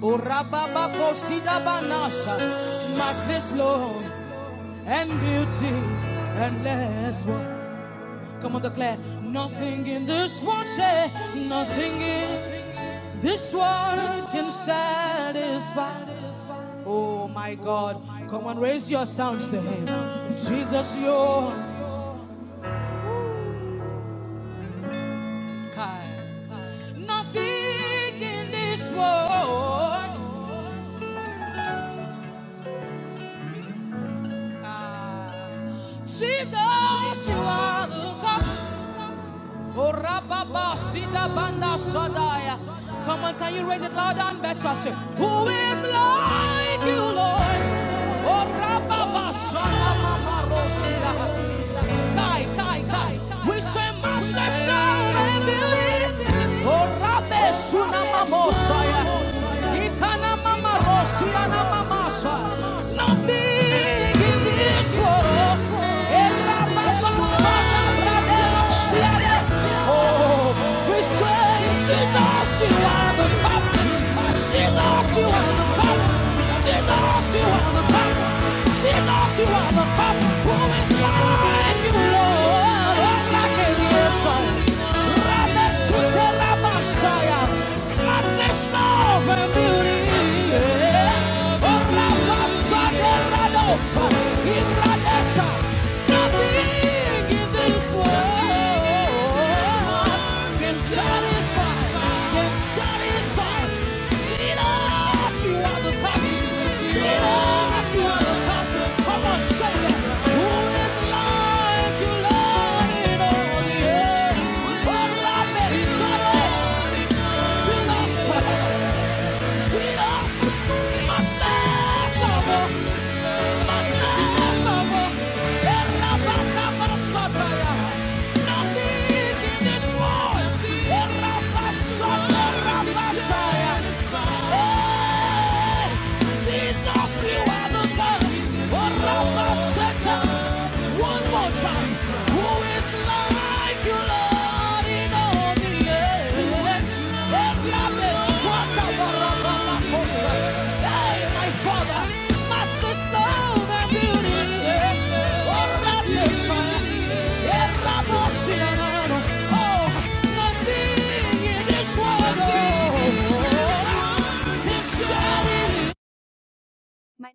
Urababakoshidabanaša, matchless love and beauty and less one. Come on, declare. Nothing in this world, say, nothing in this world can satisfy. Oh my God, come on, raise your sounds to Him. Jesus, your kind. Nothing in this world. Ah. Jesus, you are the God. Oh, rababa, sida, banda, Come on, can you raise it louder and better? Say, Who is like you, Lord? Oh, rababa, sada, mama, rosida. Kai, kai, kai. We say, Master, stone and beauty. Oh, rabbe, suna, mamosaya. Ikana, mama, rosia, na, mamasa. Nothing in this world. Eh, rabba, who is like you, Lord? Like it is. Ramesuterabashaya. Madness of Oh, can satisfy, satisfy. See us, you are the yeah. Jesus, you are the God. Oh, Rabba Satan. One more time. Who is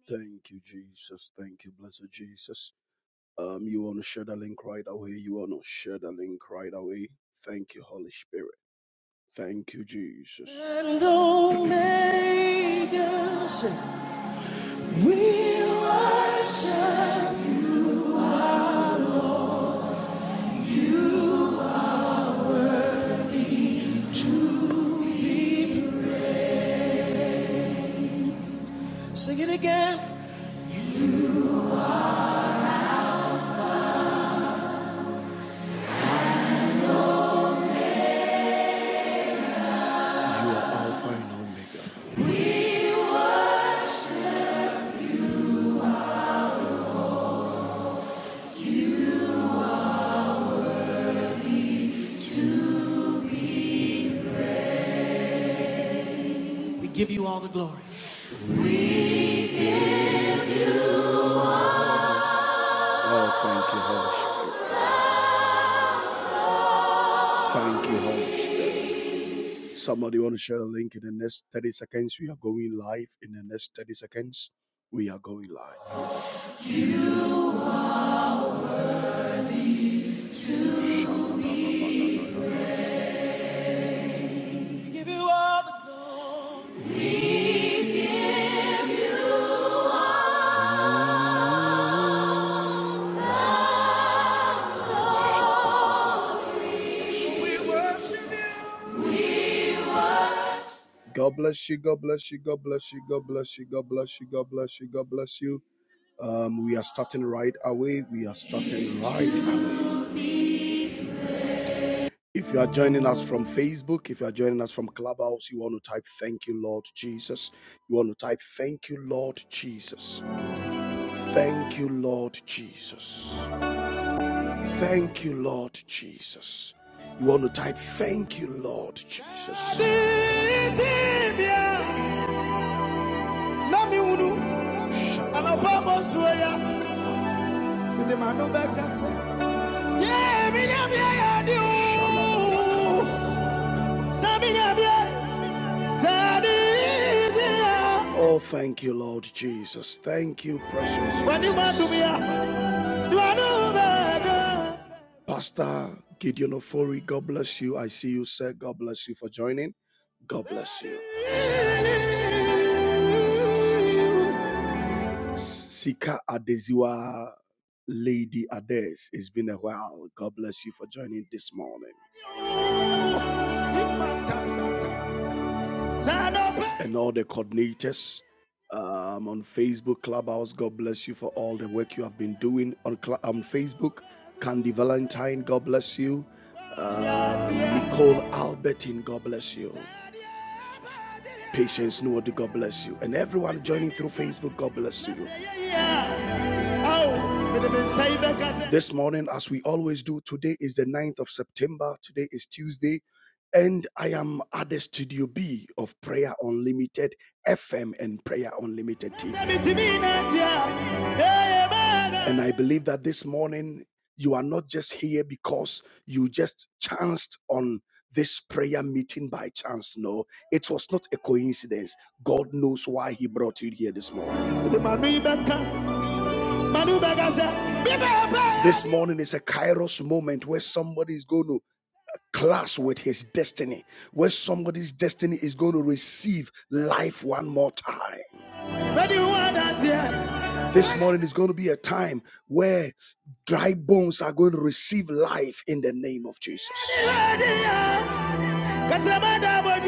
Thank you, Jesus. Thank you, blessed Jesus. Um, you want to share the link right away. You want to share the link right away. Thank you, Holy Spirit. Thank you, Jesus. You are Alpha and Omega. Oh, thank you, Holy Spirit. Thank you, Holy Spirit. Somebody want to share the link in the next 30 seconds. We are going live in the next 30 seconds. We are going live. God bless you. God bless you. God bless you. God bless you. God bless you. God bless you. God bless you. Um, we are starting right away. We are starting right away. If you are joining us from Facebook, if you are joining us from Clubhouse, you want to type thank you, Lord Jesus. You want to type thank you, Lord Jesus. Thank you, Lord Jesus. Thank you, Lord Jesus. You want to type thank you, Lord Jesus. Shabbat. Yeah, yeah, yeah, So yeah, yeah. Oh, thank you, Lord Jesus. Thank you, precious When no Pastor Gideon Ofori, God bless you. I see you, sir. God bless you for joining. God bless you. Sika Adeziwa, Lady Ades. It's been a while. God bless you for joining this morning. And all the coordinators um, on Facebook, Clubhouse, God bless you for all the work you have been doing on, on Facebook. Candy Valentine, God bless you. Um, Nicole Albertine, God bless you. Patience Nuwadi, God bless you. And everyone joining through Facebook, God bless you. This morning, as we always do, today is the ninth of September. Today is Tuesday. And I am at the Studio B of Prayer Unlimited FM and Prayer Unlimited TV. And I believe that this morning you are not just here because you just chanced on this prayer meeting by chance. No, it was not a coincidence. God knows why He brought you here this morning. This morning is a kairos moment where somebody is going to clash with his destiny, where somebody's destiny is going to receive life one more time. This morning is going to be a time where dry bones are going to receive life in the name of Jesus. yeah. but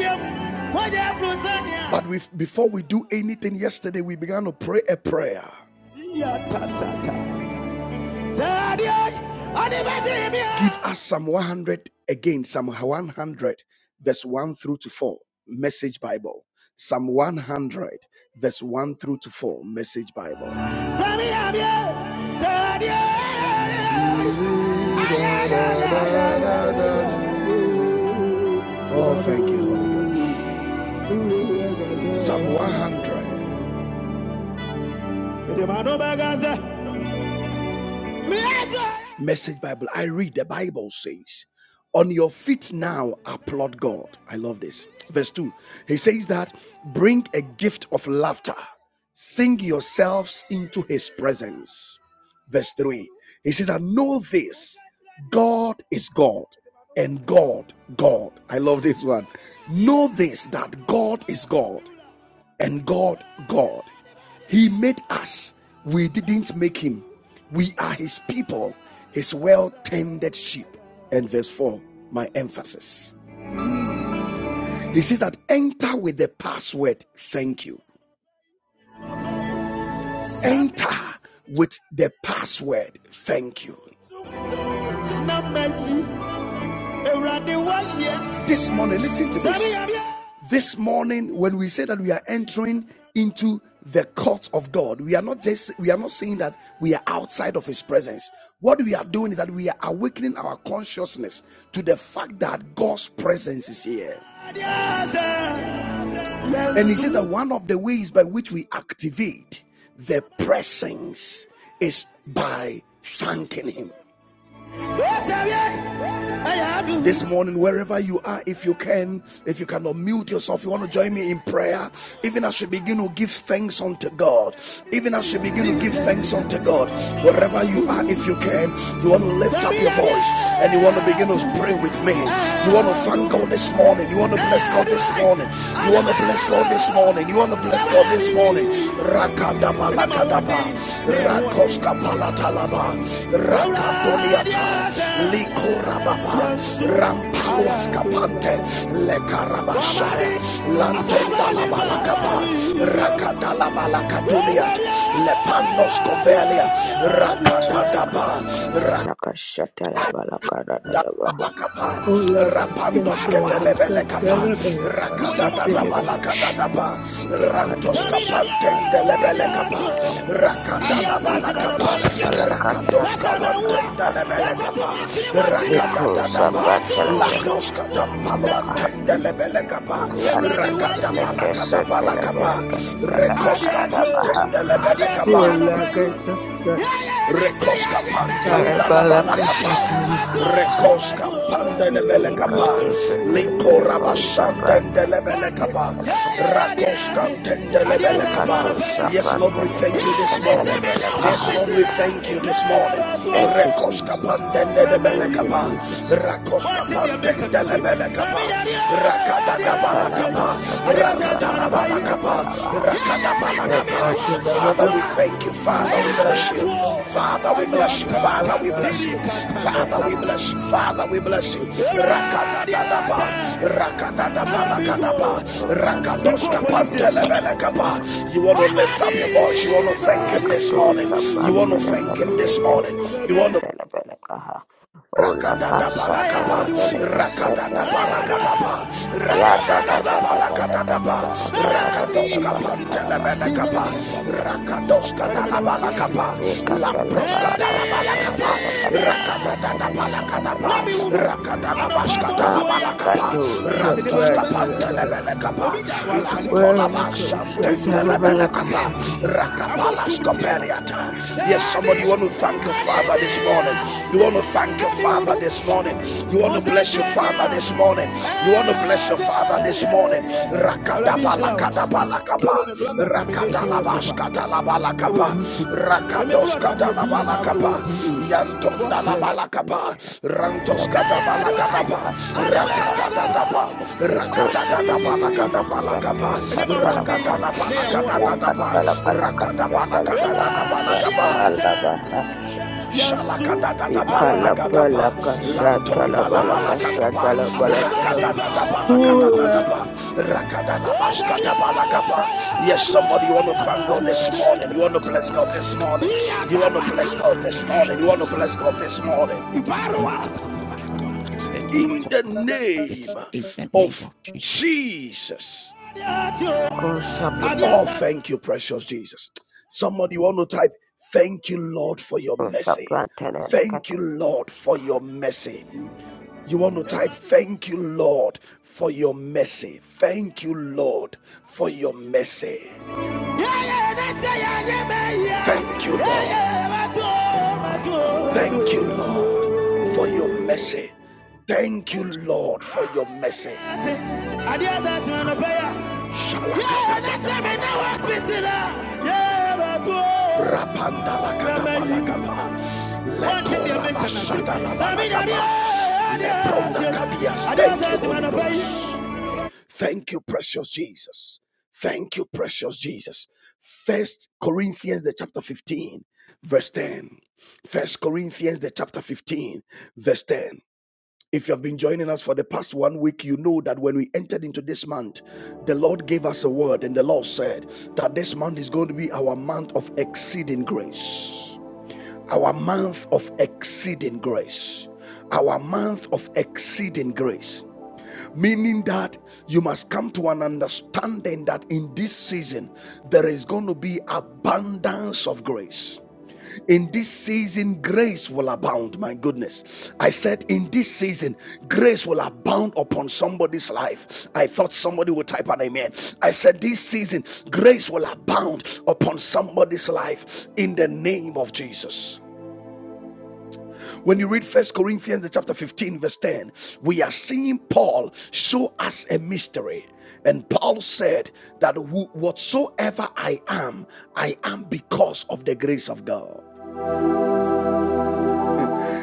yeah. we, before we do anything yesterday, we began to pray a prayer. Give us Psalm 100 again, Psalm 100, verse 1 through to 4, Message Bible. Psalm 100, verse 1 through to 4, Message Bible. Oh, thank you, Holy Ghost. Psalm 100. Message Bible. I read the Bible says, On your feet now, applaud God. I love this. Verse 2. He says that bring a gift of laughter, sing yourselves into his presence. Verse 3. He says that know this God is God and God, God. I love this one. Know this that God is God and God, God. He made us, we didn't make him. We are his people, his well tended sheep. And verse 4, my emphasis. He says that enter with the password, thank you. Enter with the password, thank you. This morning, listen to this. This morning, when we say that we are entering into the court of God, we are not just we are not saying that we are outside of his presence. What we are doing is that we are awakening our consciousness to the fact that God's presence is here. And he said that one of the ways by which we activate the presence is by thanking him. This morning, wherever you are, if you can, if you cannot mute yourself, you want to join me in prayer. Even as you begin to give thanks unto God, even as you begin to give thanks unto God, wherever you are, if you can, you want to lift up your voice and you want to begin to pray with me. You want to thank God this morning. You want to bless God this morning. You want to bless God this morning. You want to bless God this morning. Rakadaba lakadaba, Rakadabalakadaba, Rakoskapalataba, Rakadoniata, Likorababa, Rampaluaskapante, Lekarabashaya, Lantondalabalakaba, Rakadalabalakaduniat, Lepandoskovelia, Thank Rakadadaba, you. rakadaba. Balakapa, Rapandos Ketelebele Kapa, Rakadada Balakadada Ba, Rantos Kapanten Delebele Kapa, Rakadada Balakapa, Rakados Kapanten Delebele Kapa, Rakadada Ba, Lakros Katampalanten Delebele Kapa, Rakada Balakada Balakapa, Rekos Kapanten Delebele Kapa. Rekoska pantanda la bala Rekoska pande de bele kapa. Ikato Liko Shapeleko Sapra rabashande de le bele Telephonic kapa. Telebaha Rakoska tende le bele Ikato kapa. Yes, Shapran Lord, we thank you Telephonic this morning. Telebelakaha. Yes, Lord, we thank you this morning. Thank you, Rekoska Jesus. pande de bele Thank you, kapa. Jesus. Rakoska pande de le bele kapa. Rakada da bala balakapa, Makalabasa rakadala Talabalaka balakapa, Shatalabaha. rakada balakapa. Father, we Yakatalabalaka thank you. Father, we bless you. Shatalabalakaha. Father, we bless you. Oblaka Father, we bless you. Talabalaka Father, we bless Shatalabaha. you. Father, we bless you. Rakadadaba, rakadadaba, lakadaba, Yako rakadoska Shatalabalaka Shatalabaha. pantelebelekapa. You want to lift up your voice. You want to thank him this Kato morning. You saban want to thank him telefele ke this morning. telefele You ke want to Ola Rakada rakada kasa rakada telefele ke se rakada da balakaba, Ya rakada da da da da da da da da da da da da ba da da ba, bala da da da da balaka da da da da Rakadadabalakaba, rakadadabalakadaba, rakadadadabalakadadaba, rakadoskapantelebelekaba, da da bala kasa rakadoskadalabalakaba, Eka tele bala da da da lamproskadalabalakaba, da bala da da da da da da da rakadadadabalakadaba, da da bala kaha. rakadalabaskadalabalakaba, Makato sapan telefele rantoskapantelebelekaba, Ola kasa telefele lankolabasantendelebelekaba, kasa rakabalaskopeliata. Yes, Shut somebody want to thank your father this morning morning. You want to thank your Father this morning. You want to bless your Father this morning. You want to bless your Father this morning. Rakadabalakadabalakaba. Rakadalabaskadalabalakaba. Rakadoskadalabalakaba. Yantondalabalakaba. Elevaha, Lakshakada Rantoskadabalakadaba. Balaka Shatalabalaha, Rakadadadaba. Eko Sakata Rakadadadabalakadabalakaba. Balaka Shatalabaha, Rakadadabalakadadadaba. Yakatala Balaka Shatalabalaka Rakadabalakadadadabalakaba. Shatalabaha, Ikala Shalakadadadabaranagadaba. Balaka Shatalabalaka Lantondalabalakadaba. Shatalabalaka, Hura Rakadadadabalakadadadaba. up, Rakadalabashkadabalakaba. In the Yes, somebody, you want to thank God this morning. You want to bless God this morning. You want to bless God this morning. You want to bless God this morning in the name name of of Jesus. Jesus. Oh, thank you, precious Jesus. Somebody want to type, Thank you, Lord, for your mercy. Kusapratelaka. Thank you, Lord, for your mercy. You want to type, Thank you, Lord, for your mercy. Thank you, Lord, for your mercy. Thank you, Lord. Thank you, Lord, for your Thank you, mercy. Lord, for Mercy. your mercy. Thank you, Lord, for your mercy. Shalakadadabalakaba. Rapandalakadabalakaba. Lekorabashadalabalakaba. Leprondakadias. Thank you, Holy Ghost. Thank you, precious Jesus. Thank you, precious Jesus. First Corinthians the chapter 15, verse 10. First Corinthians the chapter 15, verse 10. If you have been joining us for the past one week, you know that when we entered into this month, the Lord gave us a word, and the Lord said that this month is going to be our month of exceeding grace. Our month of exceeding grace. Our month of exceeding grace. Meaning that you must come to an understanding that in this season there is going to be abundance of grace. In this season, grace will abound. My goodness. I said, in this season, grace will abound upon somebody's life. I thought somebody would type an amen. I said, this season, grace will abound upon somebody's life in the name of Jesus. When you read First Corinthians chapter 15, verse 10, we are seeing Paul show us a mystery. And Paul said that whatsoever I am, I am because of the grace of God.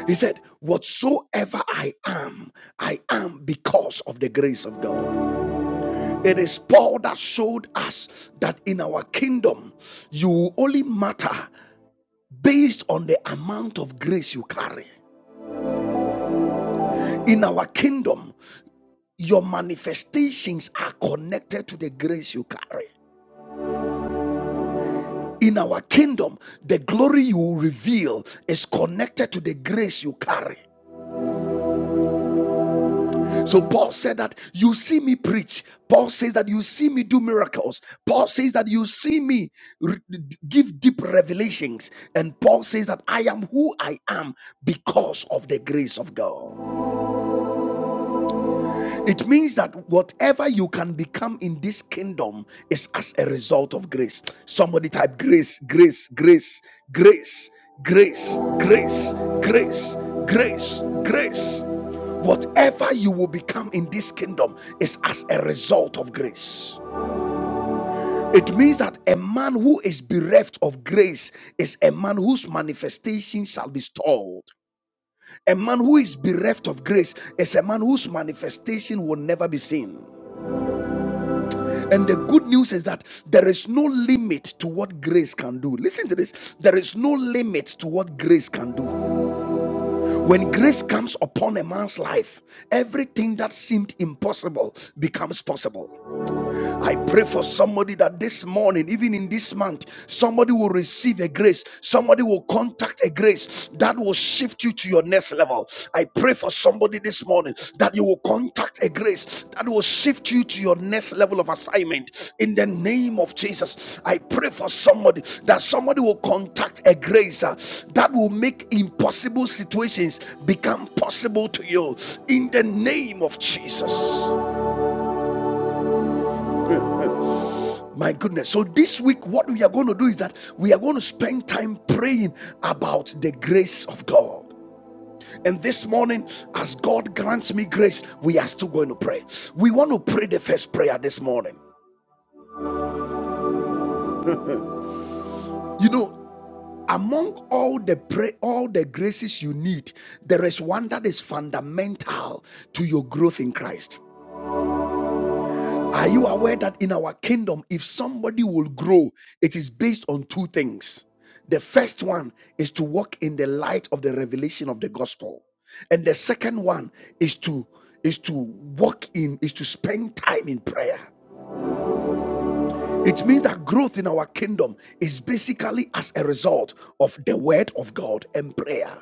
He said, Whatsoever I am, I am because of the grace of God. It is Paul that showed us that in our kingdom, you only matter based on the amount of grace you carry. In our kingdom, Your manifestations are connected to the grace you carry. In our kingdom, the glory you reveal is connected to the grace you carry. So Paul said that you see me preach. Paul says that you see me do miracles. Paul says that you see me re- give deep revelations. And Paul says that I am who I am because of the grace of God. It means that whatever you can become in this kingdom is as a result of grace. Somebody type grace, grace, grace, grace, grace, grace, grace, grace, grace. Whatever you will become in this kingdom is as a result of grace. It means that a man who is bereft of grace is a man whose manifestation shall be stalled. A man who is bereft of grace is a man whose manifestation will never be seen. And the good news is that there is no limit to what grace can do. Listen to this there is no limit to what grace can do. When grace comes upon a man's life, everything that seemed impossible becomes possible. I pray for somebody that this morning, even in this month, somebody will receive a grace. Somebody will contact a grace that will shift you to your next level. I pray for somebody this morning that you will contact a grace that will shift you to your next level of assignment. In the name of Jesus, I pray for somebody that somebody will contact a grace uh, that will make impossible situations become possible to you. In the name of Jesus. My goodness. So, this week, what we are going to do is that we are going to spend time praying about the grace of God. And this morning, as God grants me grace, we are still going to pray. We want to pray the first prayer this morning. You know, among all the pray, all the graces you need, there is one that is fundamental to your growth in Christ. Are you aware that in our kingdom, if somebody will grow, it is based on two things? The first one is to walk in the light of the revelation of the gospel, and the second one is to is to walk in is to spend time in prayer. It means that growth in our kingdom is basically as a result of the word of God and prayer.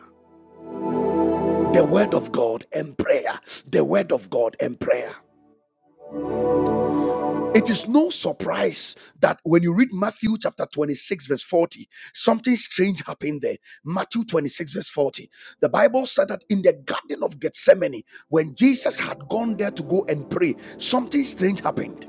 The word of God and prayer. The word of God and prayer. It is no surprise that when you read Matthew chapter 26, verse 40, something strange happened there. Matthew 26, verse 40. The Bible said that in the Garden of Gethsemane, when Jesus had gone there to go and pray, something strange happened.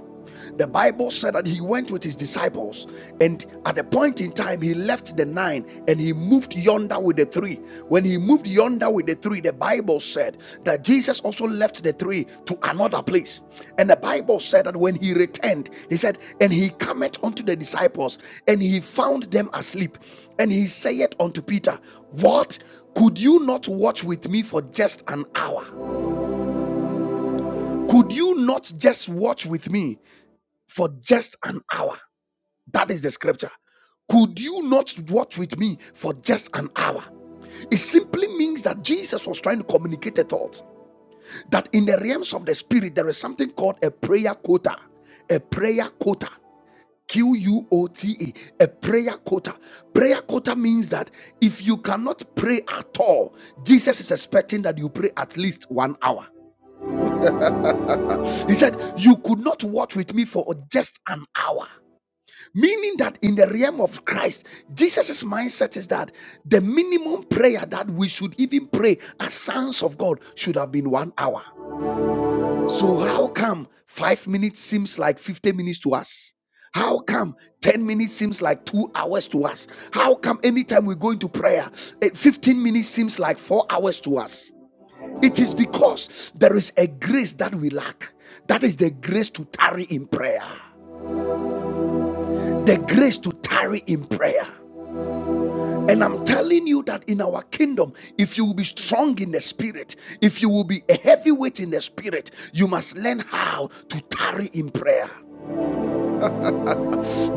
The Bible said that he went with his disciples, and at a point in time, he left the nine and he moved yonder with the three. When he moved yonder with the three, the Bible said that Jesus also left the three to another place. And the Bible said that when he returned, he said, And he cometh unto the disciples, and he found them asleep. And he saith unto Peter, What? Could you not watch with me for just an hour? Could you not just watch with me for just an hour? That is the scripture. Could you not watch with me for just an hour? It simply means that Jesus was trying to communicate a thought that in the realms of the spirit, there is something called a prayer quota. A prayer quota. Q U O T A. A prayer quota. Prayer quota means that if you cannot pray at all, Jesus is expecting that you pray at least one hour. He said, You could not watch with me for just an hour. Meaning that in the realm of Christ, Jesus' mindset is that the minimum prayer that we should even pray as sons of God should have been one hour. So, how come five minutes seems like 50 minutes to us? How come 10 minutes seems like two hours to us? How come anytime we go into prayer, eh, 15 minutes seems like four hours to us? It is because there is a grace that we lack. That is the grace to tarry in prayer. The grace to tarry in prayer. And I'm telling you that in our kingdom, if you will be strong in the spirit, if you will be a heavyweight in the spirit, you must learn how to tarry in prayer.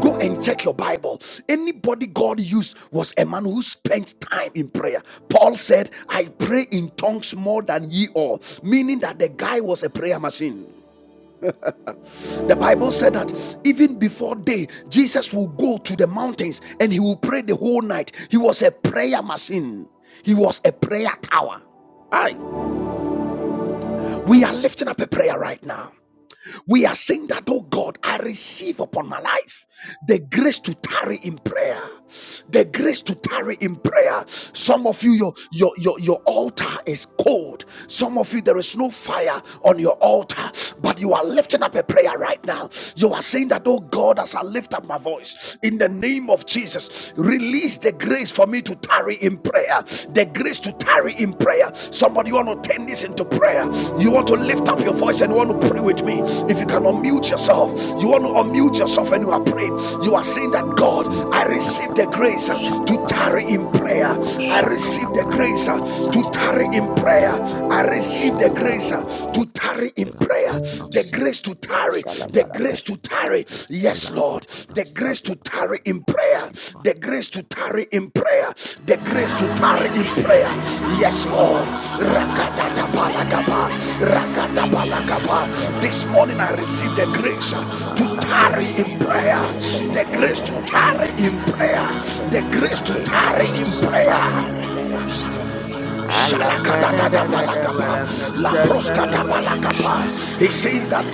Go and check your Bible. Anybody God used was a man who spent time in prayer. Paul said, I pray in tongues more than ye all, meaning that the guy was a prayer machine. The Bible said that even before day, Jesus will go to the mountains and he will pray the whole night. He was a prayer machine, he was a prayer tower. Aye. We are lifting up a prayer right now. We are saying that, oh God, I receive upon my life the grace to tarry in prayer. The grace to tarry in prayer. Some of you, your your your, your altar is cold. Some of you, there is no fire on your altar, but you are lifting up a prayer right now. You are saying that, oh God, as I lift up my voice in the name of Jesus, release the grace for me to tarry in in prayer, the grace to tarry in prayer. Somebody, you want to turn this into prayer. You want to lift up your voice and you want to pray with me. If you can unmute yourself, you want to unmute yourself and you are praying. You are saying that God, we I cut the receive the grace uh, to shabatas, tarry in prayer. I Koshaka, receive the and grace uh, to tarry in prayer. I receive the grace uh, to tarry in prayer. The grace to tarry tarry, the Talabalaka grace to tarry. Yes, Lord, the grace to tarry in prayer, the grace to tarry in prayer, the grace to tarry in prayer. Yes, Yes, Lord. Rakatabalakaba, rakatabalakaba. This morning I Shatalabalaka. received the grace to tarry Makatosa in pan prayer, the telefeleke grace to tarry telefeleke in se prayer, telefeleke the grace to tarry in ekalosa pan prayer. telefeleke he alagada da da da Shalakadadadabalakapa. balaka shatala balaka Laproskadabalakapa. He says that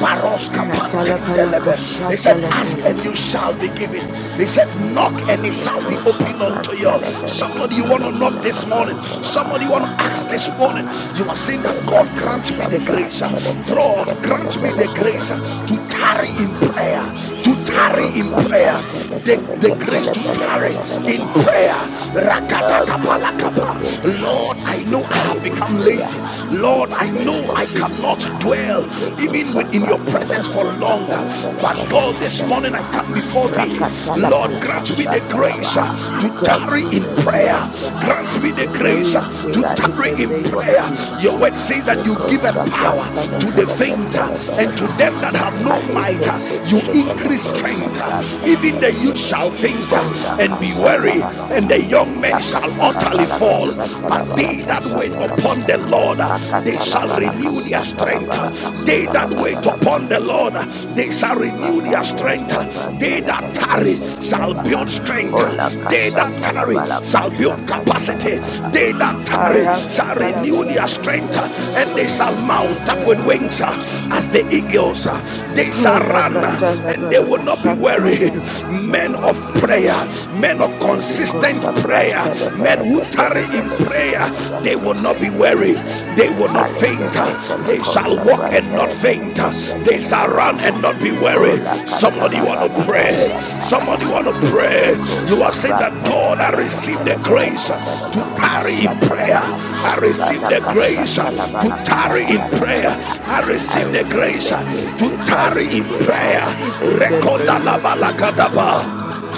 Baroska shatala balaka Pantendelebe. They said, shatala Ask and feleke you he shall be given. They said, Knock and it shall be ekosa opened pan unto you. telefeleke Somebody you want to knock telefeleke this morning. telefeleke Somebody you want to shatala ask this balaka morning. ha You are saying that God grant ekatosa me the pan grace. uh, God telefeleke grant me the telefeleke grace uh, to telefeleke tarry in prayer. To Lord, tarry Father, grant I in prayer, receive it. the, the grace to Hallelujah. tarry in I prayer. receive grace to me the Rakatapalakapa. grace Hallelujah. ah, Lord, Thank I to you. know I Let have tarry in us become go. prayer lazy. ah, in Lord, the I know name of I cannot Jesus. Yes, ah. I know. dwell Leko even within your sapra presence for telefeneke longer. But telefeneke Ilako God, this morning telefeleke, alianda I ah. come before thee. Rakatala ilako Lord, palaka grant me the shatala, grace uh, ah. ilaka to Grant tarry me in the rata prayer. grace katia ah, Grant me the to ilaka grace tarry uh, in to shaka prayer in tarry irata the in prayer name of prayer. Jesus. Your ah. word says that you Leko give a irata sapra power pada to the telefeneke fainter and to telefeleke, them ah. that katia have no irata might. Alike uh, pada You shetele shaka pa increase peleko strength. uh, shapra ilaka Even the telefeleke youth shaka he. shall ya faint uh, Ola and ilako be para kashata weary, katia and labaha. the young ilako men shall shaka Yakata pa utterly labala fall. ilaka kashata But labala they paliate that wait kashata upon irati labaha. the para Lord, uh, shaka they Makata shall labala renew their irata kashata strength. uh, labala They kashata that irata wait labala upon yata kaha. the Lord, uh, they shall renew their Makato strength. uh, shapra They that that shaka telefeleke tarry shetele shall baha. build strength. Ola They that kashata tarry labala shall build kashata labala capacity. kaha. They that Thank tarry shall Arakata renew labala their strength. kashata And they labala shall mount kashata up with labaha. wings uh, as the eagles. uh, They shall run Halakata uh, and they will labalaka not be shata weary. labalaka Men shata of labaha. prayer, men of Rico consistent Sapra prayer, men who Telefeleke tarry in Telefeleke prayer, they Telefeleke will not be weary. Setelevehe They will not faint. Alikete They Peleko shall walk Sapra and not faint. Telefeleke They shall run Setelevelekeha and not be weary. Ola Somebody want to Katalabala pray. Somebody Kasatalabaha want to pray. Yeko You are saying Sapra that God, I Telefeleke you. receive the grace Telefeleke Yes, to la Telefeleke tarry in cuparata, prayer. Satalabaha I I receive receive Lana the the grace, grace to Kasatalabala totally tarry in enjoy prayer. us, and I in Kadadadadabaha the I receive the word receive grace the grace to of to tarry tarry in in God, prayer prayer. in Thank the Rekoda name la of Jesus. balakadaba.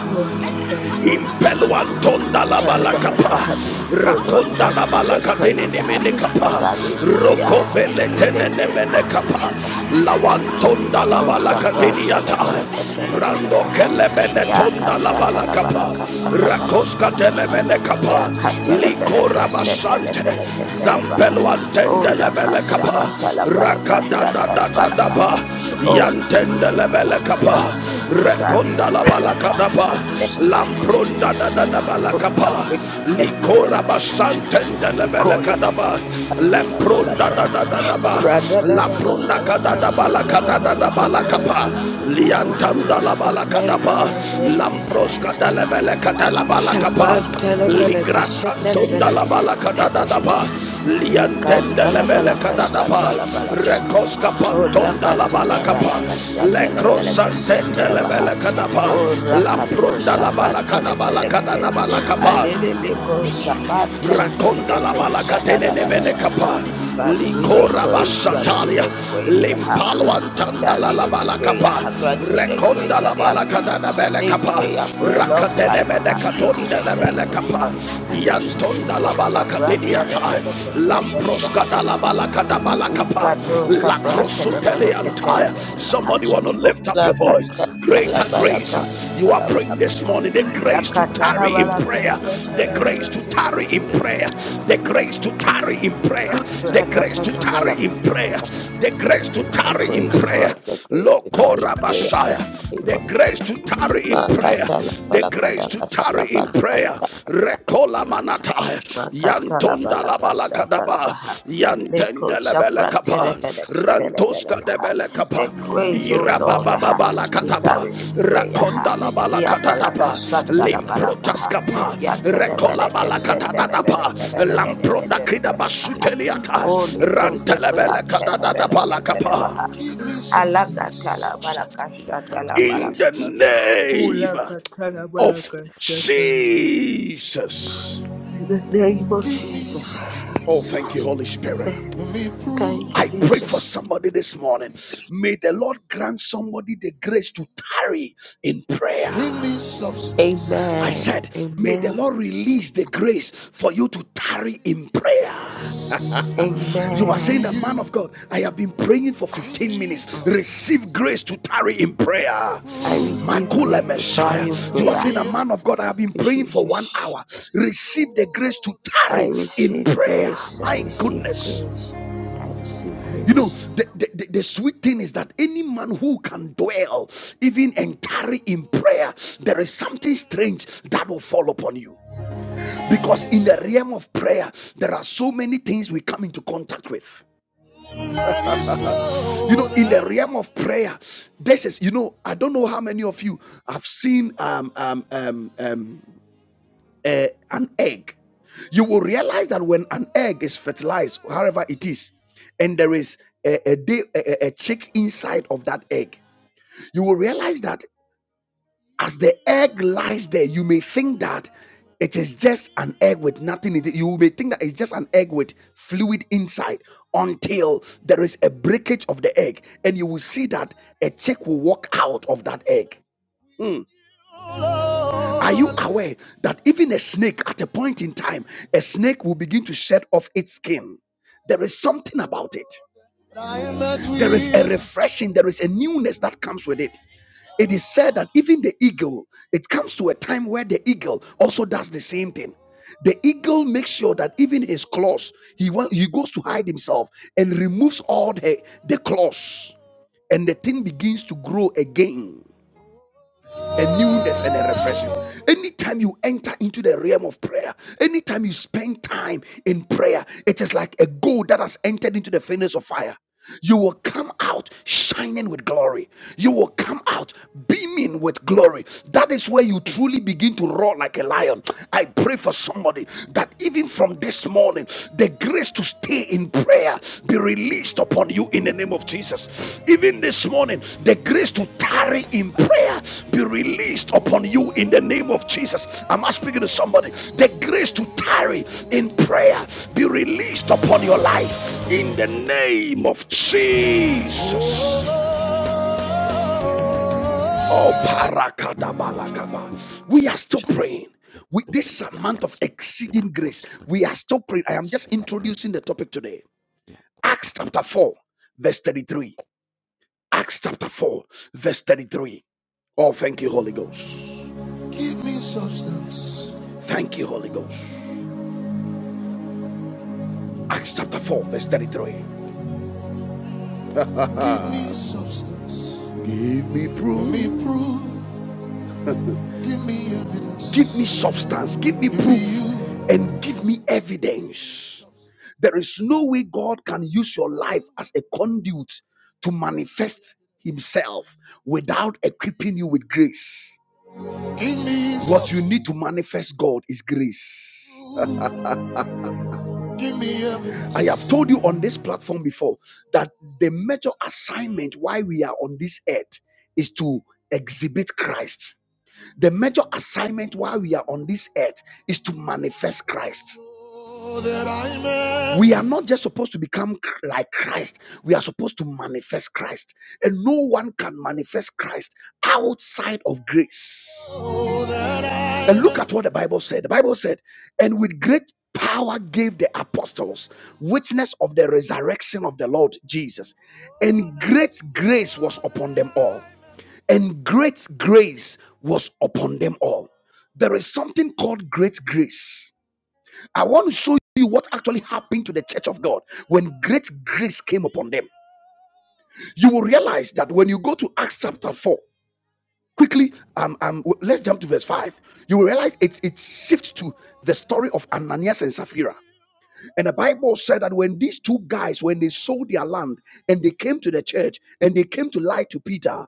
Oh Lord, Impeluantonda la balakapa, rakonda la grant me the balakadini grace uh, nimene to kapa, tarry in prayer uh, rokovele in tene the name nemene of kapa, Jesus. uh. lawantonda la Niko sabran balakadini ata, telefeleka brando telebeleka, uh, kelebene ya tonda la kasha balakapa, telebalaka shaka rakoska telebalaka, uh, telemene ya kapa, katelebeleke likora she basante, telefeleke telebaha. zampelu Oh Wantende la lebele kapa. kashakata la Balaka, katelebalaka Rakada sha da da da da telebalaka, ba. uh. Oh God, be Yantende the lebele grace kapa. uh, to tarry you. in Rekonda la bala prayer. uh. ba. Yes, Lampronda da da da bala kapa. Likora basantende lebele Nikola kadapa. Lempronda Balaka da da da da ba. Radada Lampronda kada Balaka da bala kada da da Shatana bala kapa. Katalabaha Liantanda Ola la bala ba. Katana Lamproska da lebele kada la bala Shapran kapa. Telefelaka Ligra santunda la Shatalabelaka balaka da da da ba. Lika Liantende le beleka Talabalaka da da ba. Shatalabalaka Rekoska Ola pantunda la Katana balaka pa. Yes, Balaka Lekro Shatalafelaka santende le Shatalabaha beleka da ba. O Rakato Lampronda la Shapran balaka da balaka da Telefelaka da balaka pa Alililiko Shapan rakonda la Telefeleketo balakatene nemene Shadadadabaha kapa Grant me the likora grace, grant me basatalia the grace uh, limpalo to antanda la tarry la in prayer. balakapa Uh, grant me the rekonda grace la and the balakada ability na to bele stay in kapa prayer for a long rakatene time. mene Uh, in katonda la the name bele of Jesus. kapa yantonda la Eko sabran balakadinia tai telefele kefele lamproska baha. da la balakada balakapa Ikato la sabran crosuteli telefele kefele antaya baha. Somebody want to lift up Ola your kata voice. la Greater bala grace. kata You are la bala praying this baha. morning the Ila grace to Akata la tarry in bala prayer. kata The la grace bala to kaha. tarry in prayer. The grace to tarry in prayer. The Rata grace to tarry bala. in prayer. The grace to The tarry in grace, prayer. Lord, the grace to carry in Lokora prayer Messiah. in the name The of grace to tarry in prayer. Makatala The grace Palakada to Katala tarry in prayer. Record Kola manata Makatala yantonda la balaka bala shatala kadaba baha. Leko yantende la bele shapra kapa terefeneke rantoska telebeleka de ha. bele kapa The grace, O Lord, irababa ha, baba la to katapa tarry in prayer. Ha. rakonda la bala Ya balaka katatapa shatala La balaka cabina, limprotas ha. la Ya cabina, rekola telebeleke bala la katatapa shetelebeleke cabina, la lamproda kida dedededededebeleka cabina, ha. la cosa, basuteliata O leko rantele la sepria bele katatapa telefeleke la kapa telebaha. la Alaka tala cosa, balaka in shatala in tacaliate, the balaka ha. la cosa, name Ulaka in tala the of balaka name of Jesus, shatala balaka. Jesus. In the name of Jesus. Oh, thank you, Holy Spirit. Amen. Thank you, I pray for Jesus. somebody this morning. May the Lord grant somebody the grace to tarry in prayer. I Amen. said, May the Amen. Lord release the grace for you to tarry in prayer. You are saying that, Amen. man of God, I have been praying for 15 minutes. Mm. Receive grace to tarry in prayer. I receive grace Makula to tarry Messiah. in You are prayer. saying that, man of God, I have Thank been you, praying for one Jesus. hour. Receive the grace to I tarry in receive prayer. grace. I My receive goodness. grace. I receive You know, grace. the, the, the, the sweet thing is that any man who can dwell, even and tarry in prayer, there is something strange that will fall upon you. Because in the realm of prayer, there are so many things we come into contact with. You know, in the realm of prayer, this is, you know, I don't know how many of you have seen um, um, um, um, uh, an egg. You will realize that when an egg is fertilized, however it is, and there is a, a, day, a, a a chick inside of that egg, you will realize that. As the egg lies there, you may think that it is just an egg with nothing in it. You may think that it's just an egg with fluid inside until there is a breakage of the egg, and you will see that a chick will walk out of that egg. Mm. Are you aware that even a snake, at a point in time, a snake will begin to shed off its skin? There is something about it. There is a refreshing, there is a newness that comes with it. It is said that even the eagle, it comes to a time where the eagle also does the same thing. The eagle makes sure that even his claws, he wa- he goes to hide himself and removes all the, the claws, and the thing begins to grow again a newness and a refreshing. Anytime you enter into the realm of prayer, anytime you spend time in prayer, it is like a gold that has entered into the furnace of fire. You will come out shining with glory. You will come out beaming with glory. That is where you truly begin to roar like a lion. I pray for somebody that even from this morning the grace to stay in prayer be released upon you in the name of jesus even this morning the grace to tarry in prayer be released upon you in the name of jesus am i speaking to somebody the grace to tarry in prayer be released upon your la life in the cabinate, name la of cabina, la casita, la jesus oh scattas, la osca, la parakadabalakaba. we are still shalia, praying la we, this is cabinate, a la month of cosa, la exceeding grace. We are still praying. I am casa, just la cabina, introducing the topic today. la Acts cabina, chapter 4, verse 33. Acts chapter 4, verse 33. Oh, thank you, Holy Ghost. Give me substance. Thank you, Holy Ghost. Acts chapter 4, verse 33. Give me substance. Give me proof. Give me proof. Give me evidence. Give me substance, give me proof, and give me evidence. There is no way God can use your life as a conduit to manifest Himself without equipping you with grace. What you need to manifest God is grace. I have told you on this platform before that the major assignment why we are on this earth is to exhibit Christ. The major assignment while we are on this earth is to manifest Christ. We are not just supposed to become like Christ. We are supposed to manifest Christ. And no one can manifest Christ outside of grace. And look at what the Bible said. The Bible said, and with great power gave the apostles witness of the resurrection of the Lord Jesus, and great grace was upon them all and great grace was upon them all. There is something called great grace. I want to show you what actually happened to the church of God when great grace came upon them. You will realize that when you go to Acts chapter 4, quickly, um, um, let's jump to verse 5. You will realize it, it shifts to the story of Ananias and Sapphira. And the Bible said that when these two guys, when they sold their land and they came to the church and they came to lie to Peter,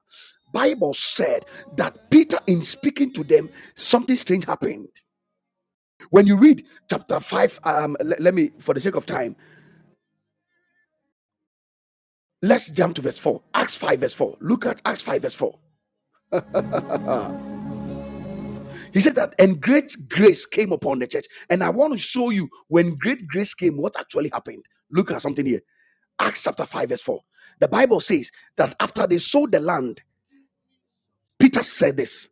Bible said that Peter, in speaking to them, something strange happened. When you read chapter 5, um, le- let me, for the sake of time, let's jump to verse 4. Acts 5, verse 4. Look at Acts 5, verse 4. He said that, and great grace came upon the church. And I want to show you when great grace came, what actually happened. Look at something here. Acts chapter 5, verse 4. The Bible says that after they sold the land, Peter said this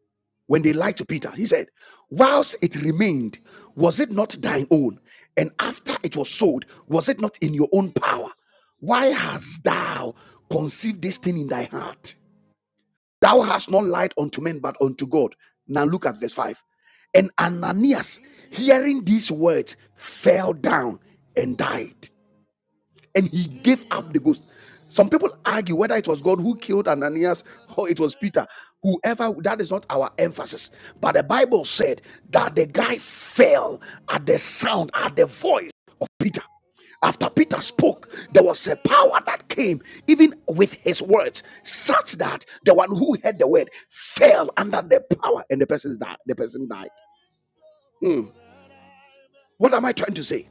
when they lied to Peter. He said, Whilst it remained, was it not thine own? And after it was sold, was it not in your own power? Why hast thou conceived this thing in thy heart? Thou hast not lied unto men, but unto God. Now look at verse 5. And Ananias, hearing these words, fell down and died and he gave up the ghost. Some people argue whether it was God who killed Ananias or it was Peter. Whoever, that is not our emphasis. But the Bible said that the guy fell at the sound, at the voice of Peter. After Peter spoke, there was a power that came, even with his words, such that the one who heard the word fell under the power, and the person died. The person died. Hmm. What am I trying to say?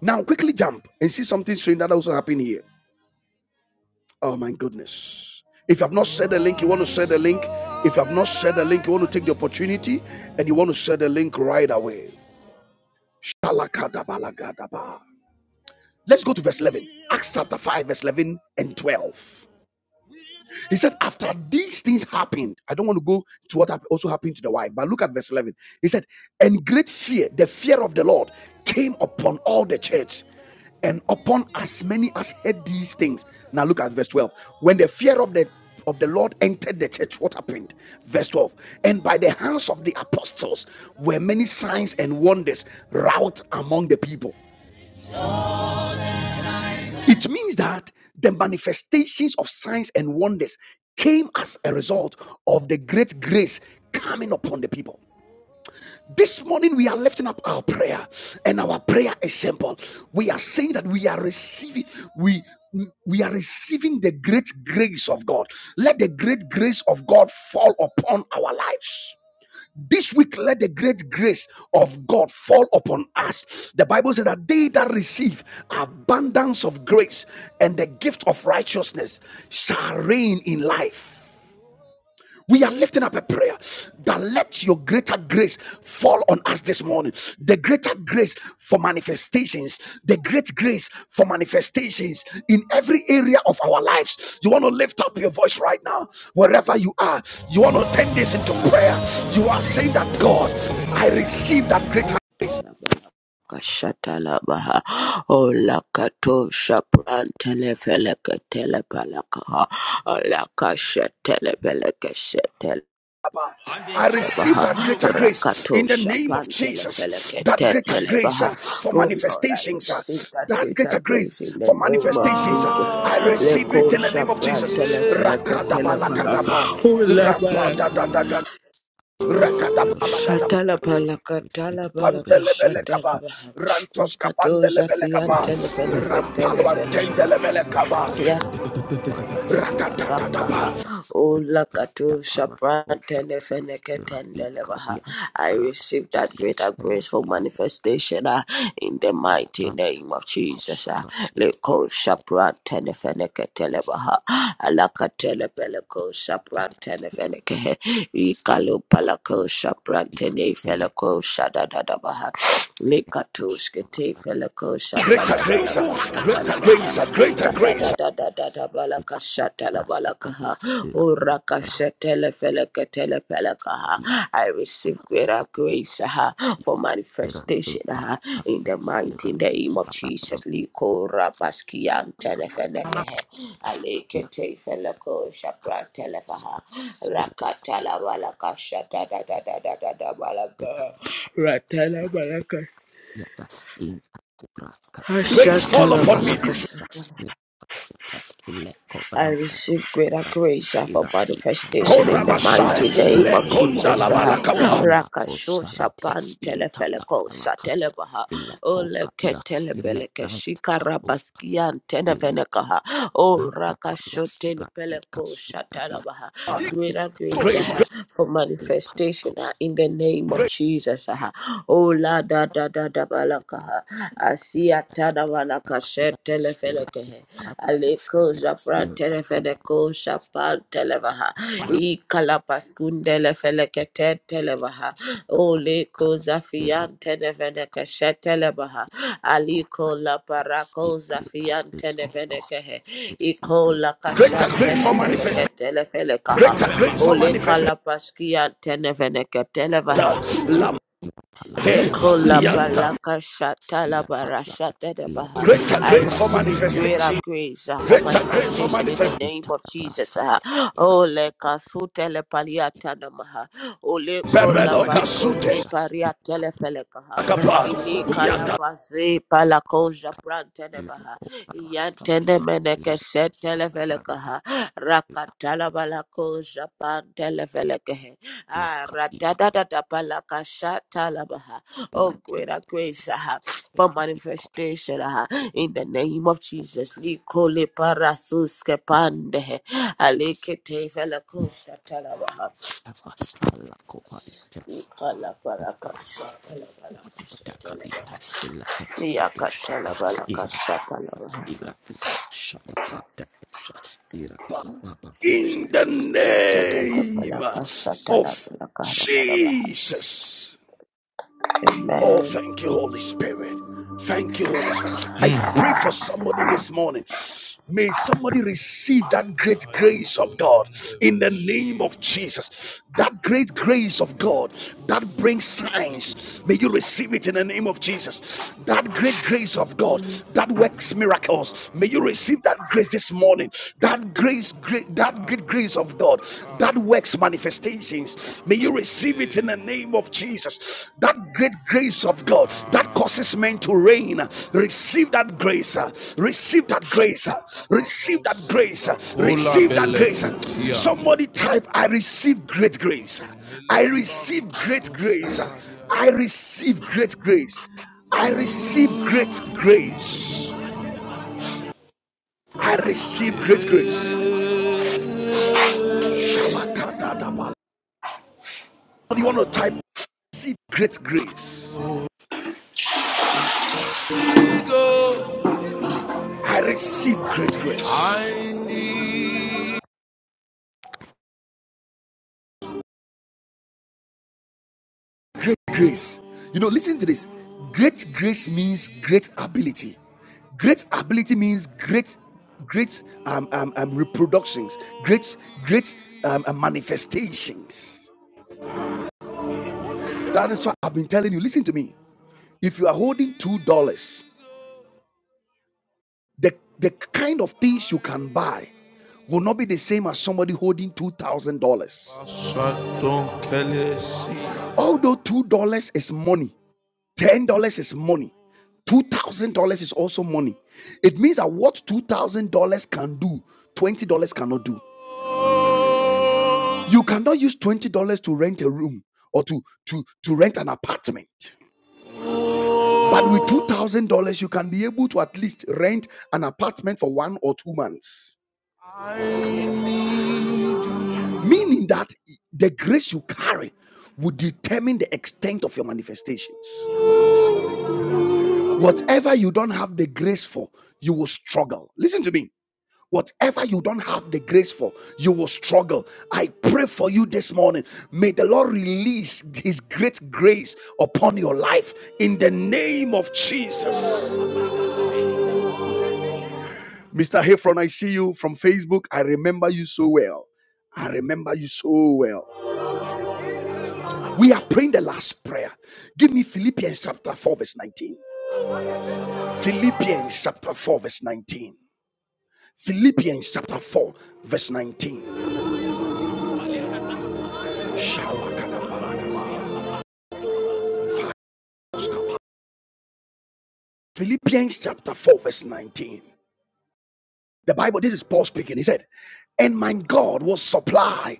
Now, quickly jump and see something strange that also happened here. Oh my goodness. If you have not shared the link, you want to share the link. If you have not shared the link, you want to take the opportunity and you want to share the link right away. Shalakadabalakadaba. Let's go to verse 11. Acts chapter 5, verse 11 and 12. He said, after these things happened, I don't want to go to what hap- also happened to the wife, but look at verse 11. He said, and great fear, the fear of the Lord, came upon all the church and upon as many as heard these things. Now look at verse 12. When the fear of the of the Lord entered the church, what happened? Verse 12. And by the hands of the apostles were many signs and wonders wrought among the people. It means that the manifestations of signs and wonders came as a result of the great grace coming upon the people. This morning, we are lifting up our prayer, and our prayer is simple. We are saying that we are receiving, we we are receiving the great grace of God. Let the great grace of God fall upon our lives. This week, let the great grace of God fall upon us. The Bible says that they that receive abundance of grace and the gift of righteousness shall reign in life. We are lifting up a prayer that let your greater grace fall on us this morning. The greater grace for manifestations, the great grace for manifestations in every area of our lives. You want to lift up your voice right now, wherever you are. You want to turn this into prayer. You are saying that God, I receive that greater. grace. talabaha, Kashatalabaha Olakato Shaprantele Felekatele Palakaha Olakashatele i receive Lebaha that greater grace Rakato in the name of Shapan Jesus. Telefeleke That greater grace Telebaha. uh, for Oh Lord, I manifestations. uh, receive that that greater greater grace in grace the for name of manifestations. Jesus. uh, I receive it Leko in the name of Shapan Jesus. Telefeleke Rakadaba Telebaha. lakadaba. Oh la cabina, Labalaka. Rapadadadaga. Yet I Rakadaba lakadaba. receive Shatala great, balaka receive tala every balaka aspect of Pandelebelekaba, shatala my baha. life. Rantoska Kato zafian Pandelebelekaba, telefeleke telefeleke. Rampalwantendelebelekaba, my life. Let us cut Labakaha, Rakadadadaba. the ass. O Let the Lakato para. Oh, shut Shaprantele up. Radi, Feneketendelebaha. Kadian, I para. receive that Shadia, greater la, grace for la, la, manifestation ah, in the la, mighty la, name of Jesus. ah. Kosaradiat, Leko Shaprantele Feneketelebaha, Alakatele Peleko Kosaradiat, la, la, Shaprantele Fenekehe, Ikalo la, Palako Shaprantele le, Feleko Kosaradiat, Shadadadabaha, Lekato Kosaradiat, la, la, Skete Greater grace, Feleko uh, greater Shatalabaha. grace, uh, greater grace. uh, Radadadadadabalaka la, shatalabalakaha. la, Uraka shatelefelekatelepelekaha. I receive greater grace aha, for manifestation aha, in the mighty name of Jesus. Liko rabaskian telefelekehe. Alekete feleko shapra telefaha. Rakatalabalaka shatadadadadadabalakaha. Yes, Ratalabalaka. yata inta kubraskatia Grace fall upon arlandu me this Shatalabalaka. sasne le I kobranta receive kusta greater prato grace uh, for irati manifestation in parakatu the mighty sarate Korabashai, name of la Lekonda Jesus. uh, Labalakaba. karaskatima Rakasho fosarate Shapan inta da Telefeleko parakatia Satelebaha ile Oleke kokadia ile Telepeleke branta pakuskatia Shikarabaskian ile Tenevenekaha O kobranta kadia Rakasho irati Telepeleko kasukadia Shatalabaha Greater radika grace Grace, yata uh, for ile manifestation uh, parakosta in the name of great, Jesus. uh, O La Da Da Da Da Balakaha Asiatana Valakashe Telefeleke Aleko Japra Telefedeco Chapal Televaha E Calapaskundele Felekete Televaha Oleko Zafian Teneveneca Shetelebaha Aliko La Receive Paraco greater Zafian grace, O Lord. Tenevenecahe Receive Eco greater La grace, greater Cashan grace for Tenefeneca manifestation, Telefelecaha greater grace for O Oleka manifestation. La Lord. Paskia Teneveneca Lamte, Ilapalakadiate, Lekola la- Lianta, palaka shata la bara ilapadiate, shata da baha. lakos, greater I grace for receive greater manifestation, grace uh, for greater grace for manifestation in the manifestation. name of Jesus. uh. italapraskadias, Oh, irakiko, leka sute le paliata na maha. Oh, lekola Berelo pasko Kasute, de irakikarakosas, pariata le feleka ha. Akaba, Ilika la Yata, pase palakoja prante ne Lego baha. Yantene parascaliate, meneke Lego shete le feleka salabrante, ha. Rakata la balakoja pante le feleke he. la Ah, capiva rossa, ra-da-da-da-da-ba-la-ka-sha-ta-la-ba-ha. la capipa rocha, Oh, la great are grace ah, for tiranti cortis, manifestation ah, in the name of Jesus. Nikole parasuske pande alekete velakosha talabaha. eva alla copariate, Nikala la parakasha talabalakasha talabaha. capiate, il frascadoscia, il Yakatalabalakasha talabaha. irati, shalabrante, irati, mamma in the cusaria, name Yatatabalakasha Jesus, of talabalakara talabaha. Jesus. Oh, Amen. thank you, Holy Spirit. Thank you, Holy Spirit. Mm. I Mm. pray for somebody this morning. May somebody receive that great grace of God in the name of Jesus. That great grace of God that brings signs. May you receive it in the name of Jesus. That great grace of God that works miracles. May you receive that grace this morning. That grace, great, that great grace of God that works manifestations may you receive it in the name of jesus that great grace of god that causes men to reign receive that grace uh, receive that grace uh, receive that grace uh, receive that grace uh. somebody type i receive great grace i receive great grace uh, i receive great grace i receive great grace i receive great grace Shalakadadabala. you want to type receive great grace. I receive great grace. Great grace. You know, listen to this. Great grace means great ability. Great ability means great, great um, um, um, reproductions, great, great um, um, manifestations. That is what I've been telling you. Listen to me. If you are holding $2, The, the kind of things you can buy will not be the same as somebody holding $2,000. Although $2 is money, $10 is money, $2,000 is also money. It means that what $2,000 can do, $20 cannot do. You cannot use $20 to rent a room or to, to, to rent an apartment. But with $2,000, you can be able to at least rent an apartment for one or two months. meaning that the grace you carry will determine the extent of your manifestations. Whatever you don't have the grace for, you will struggle. Listen to me. Whatever you don't have the grace for, you will struggle. I pray for you this morning. May the Lord release His great grace upon your life in the name of Jesus. Mr. Heffron, I see you from Facebook. I remember you so well. I remember you so well. We are praying the last prayer. Give me Philippians chapter 4, verse 19. Philippians chapter 4, verse 19. Philippians chapter 4, verse 19. Philippians chapter 4, verse 19. The Bible, this is Paul speaking. He said, And my God will supply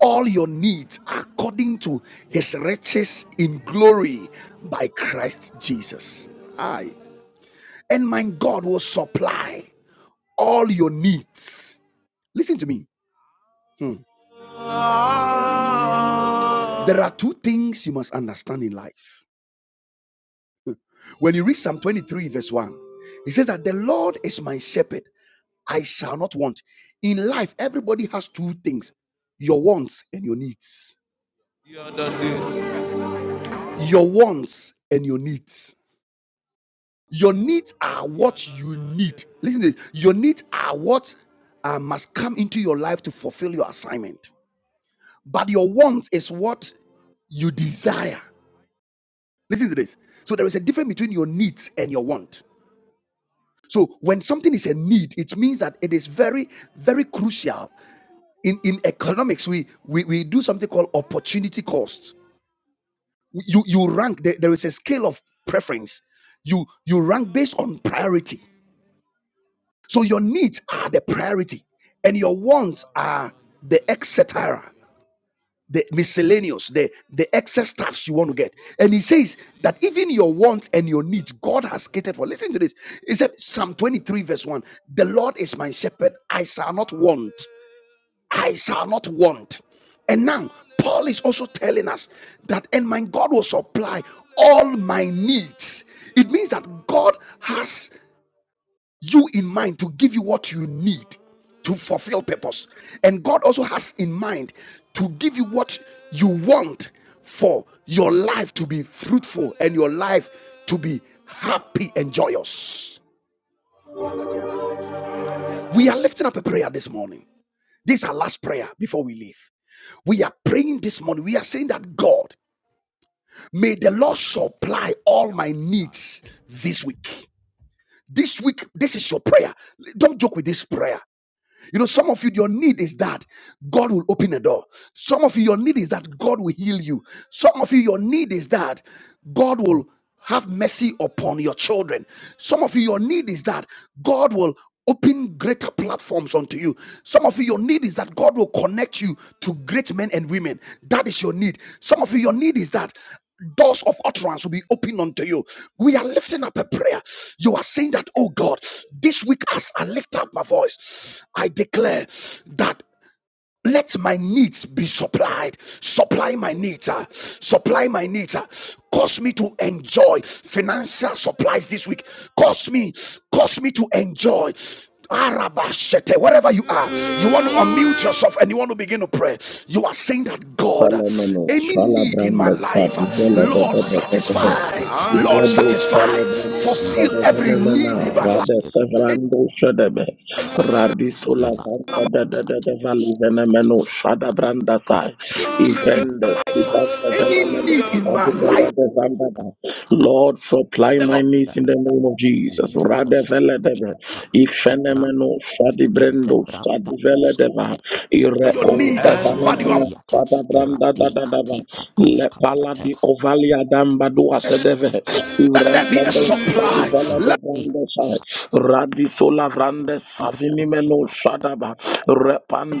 all your needs according to his riches in glory by Christ Jesus. Aye. And my God will supply all your needs Listen to me. Hmm. There are two things you must understand in life. When you read Psalm 23, verse 1, it says that the Lord is my shepherd, I shall not want. In life, everybody has two things your wants and your needs. Your wants and your needs. Your needs are what you need. Listen to this. Your needs are what uh, must come into your life to fulfill your assignment. But your wants is what you desire. Listen to this. So there is a difference between your needs and your want. So when something is a need, it means that it is very, very crucial. In in economics, we we, we do something called opportunity costs. You you rank there, there is a scale of preference. You you rank based on priority. So your needs are the priority, and your wants are the etc. the miscellaneous, the the excess stuffs you want to get. And he says that even your wants and your needs, God has catered for. Listen to this. He said, Psalm 23, verse 1: The Lord is my shepherd, I shall not want. I shall not want. And now Paul is also telling us that, and my God will supply all my needs. It means that God has you in mind to give you what you need to fulfill purpose. And God also has in mind to give you what you want for your life to be fruitful and your life to be happy and joyous. We are lifting up a prayer this morning. This is our last prayer before we leave. We are praying this morning. We are saying that God, may the Lord supply all my needs this week. This week, this is your prayer. Don't joke with this prayer. You know, some of you, your need is that God will open a door. Some of you, your need is that God will heal you. Some of you, your need is that God will have mercy upon your children. Some of you, your need is that God will open greater platforms unto you. Some of of you, your need is that God will connect you to great men and women. That is your need. Some of you, your need is that doors of utterance will be open unto you. We are lifting up a prayer. You are saying that, oh God, this week as I lift up my voice, I declare that let my needs be supplied supply my needs ah. supply my needs ah. cause me to enjoy financial supplies this week cause me cause me to enjoy Arabashete, wherever you are, you want to unmute yourself and you want to begin to pray. You are saying that God, Falamano, any need in my Falabranda, Sad, life, Lord, satisfy, Vela, la Lord, Rado satisfy, coparascalia, Salabrando si fulfill every need in Sadavanamana, my Rada caparascalia, Savrando Shadabe, life, Radisula Vanda da da da Valley Venamano, Shadabranda Sai, any need in Evrendes, my life, Ivanda any Venamano. need in my Sadabella life. de Vandaba. Lord, supply The Lord my needs in the name of Jesus. Radevele deva, ifenemeno sadibrendo sadivele deva, for your ireo need, uh, but you are devanamano sadabranda Le paladi ovalia damba dua blessed. sedeve. Let Ivrem there be a pando sabi supply. vela de Let bande sai. Radi sola vrande savini meno sadaba.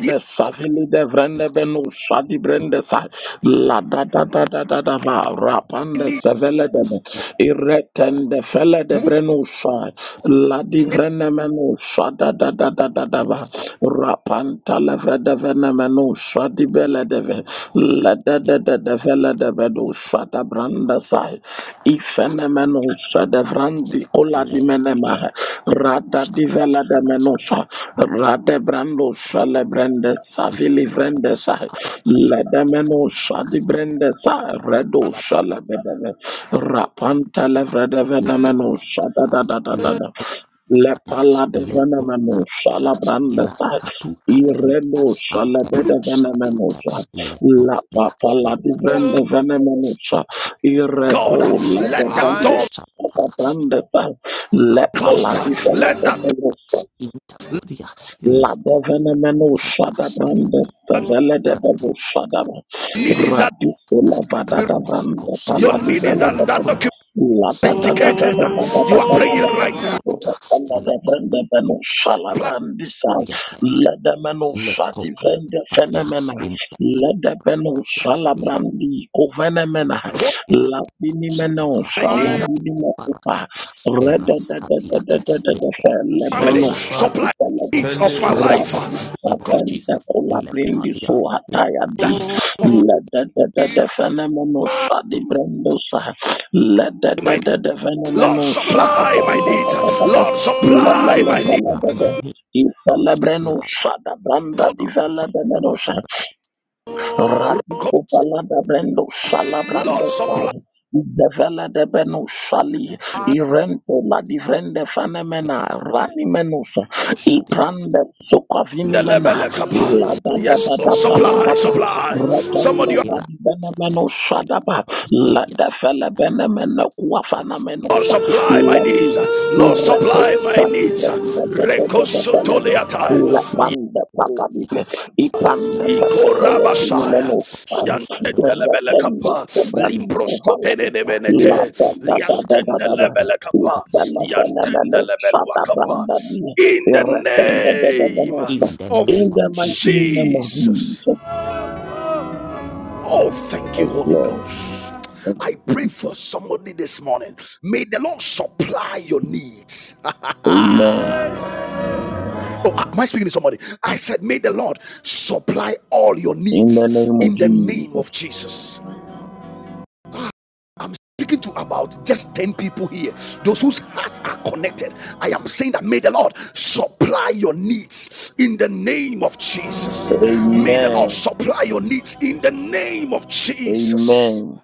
the savini de vrende beno sadi brende sai. La da da da da da da va. Rapande need sevele de me. Iretende fele de move. breno sai. La di vrene meno sada da da da da da va. Rapanta levre de vene meno sadi bele de ve. La da da da da vela da vedo sada branda sai. Ifenemeno sada vrandi kola di menema. Rada di vela da menosa. Rade brando sale brende savili vrende sai. La da meno sadi brende sai. Redo sale bedeve. Rapanta le vrede Yes, venemeno sada da da da il da da. Le Kadia, pala de Lepo venemeno Araska, sala branda sai. Iraska Tuka Handia, Ireno sale Ante bede venemeno Shariate, Lepo La Padia, papa la Lava, divende venemenusa. Ireko God, la de let that door bendos. be La Shapa, brande fa. Le Rakat, pala closed. fa la Let de that door, bendosa. let Intercodia, Leko Labovene meno Kadia, shadabrande that fevele de bevo Lakate, shadaba. Makata, need is that Radiso lavada Iratiko davande your Sharia, paladi need is vele de that that bevo. Lakoda, document Lada da da da indicated. Ikadia, da da da da You are da la da praying da. right now. Parakopta, Rekanda de Ilako. vende meno Plan, shalabrandi sa. Lede meno Le Leko shati vende Pantatia, fenemena. in Lede meno satia le shalabrandi kovene mena. Lekatia, hold ira Labini meno Shalava, my in needs, shalabini mekupa. Teparakatia, Rede de de de de de Eraskatiate, de de. Mega family, Lebreno Like supply shati in needs of my this name, life. in the name of Jesus, Rabusabende Kulabrindi Lekatia, La Suhatayadi Leda de de Fenomeno Shadi Brendosa Leda de my de Lord, Fenomeno Shada supply my Branda needs. Lord, Lella supply Non my needs. Supply, Lella my name, Non Ifelebreno Supply, Shada Branda Non Divella Supply, my name, Radisko palada brendo shala Lord, brando supply. fai. Zevele de beno shali. Irento la divrende fanemena. Rani menusa. Shadia, Iprande sukavini mena. Iratiko La Ndelebelekapa. da da Yes, da Lord, da pa la Shadia, da supply, pa. supply. Retende Somebody Iratia, pradi bene meno Iratia, shadaba. La de fele bene meno kuafana Iratia, Lord, menusa. supply my La di. needs. Lord, Ireto supply my shali needs. brende de de de de fele de. Rekosotoleata. La pande Iratia, paladi. Ipanda Ekapiatas papatela Ikorabashaya. vimelemofai Ratenda Yantendelebelekapa. sebran valade Limproskotenenebenete. La da da da da da da da Liantendelebelekapa. Ufela fenomeno Shata Yantendelebeluakapa. branda dine In the Ratenda da da da da name da In the of name In the of mighty Jesus. name of Jesus. Jesus Oh, thank you, Yes Holy Lord Ghost. I pray for somebody this morning. May the Lord supply your needs. oh, Amen am I speaking to somebody? I said, May the Lord supply all your In the needs name of in the name of Jesus Jesus. I'm speaking to about just 10 people here, those whose hearts are connected. I am saying that may the Lord supply your needs in the name of Jesus. May the Lord Amen supply your needs in the name of Jesus. Amen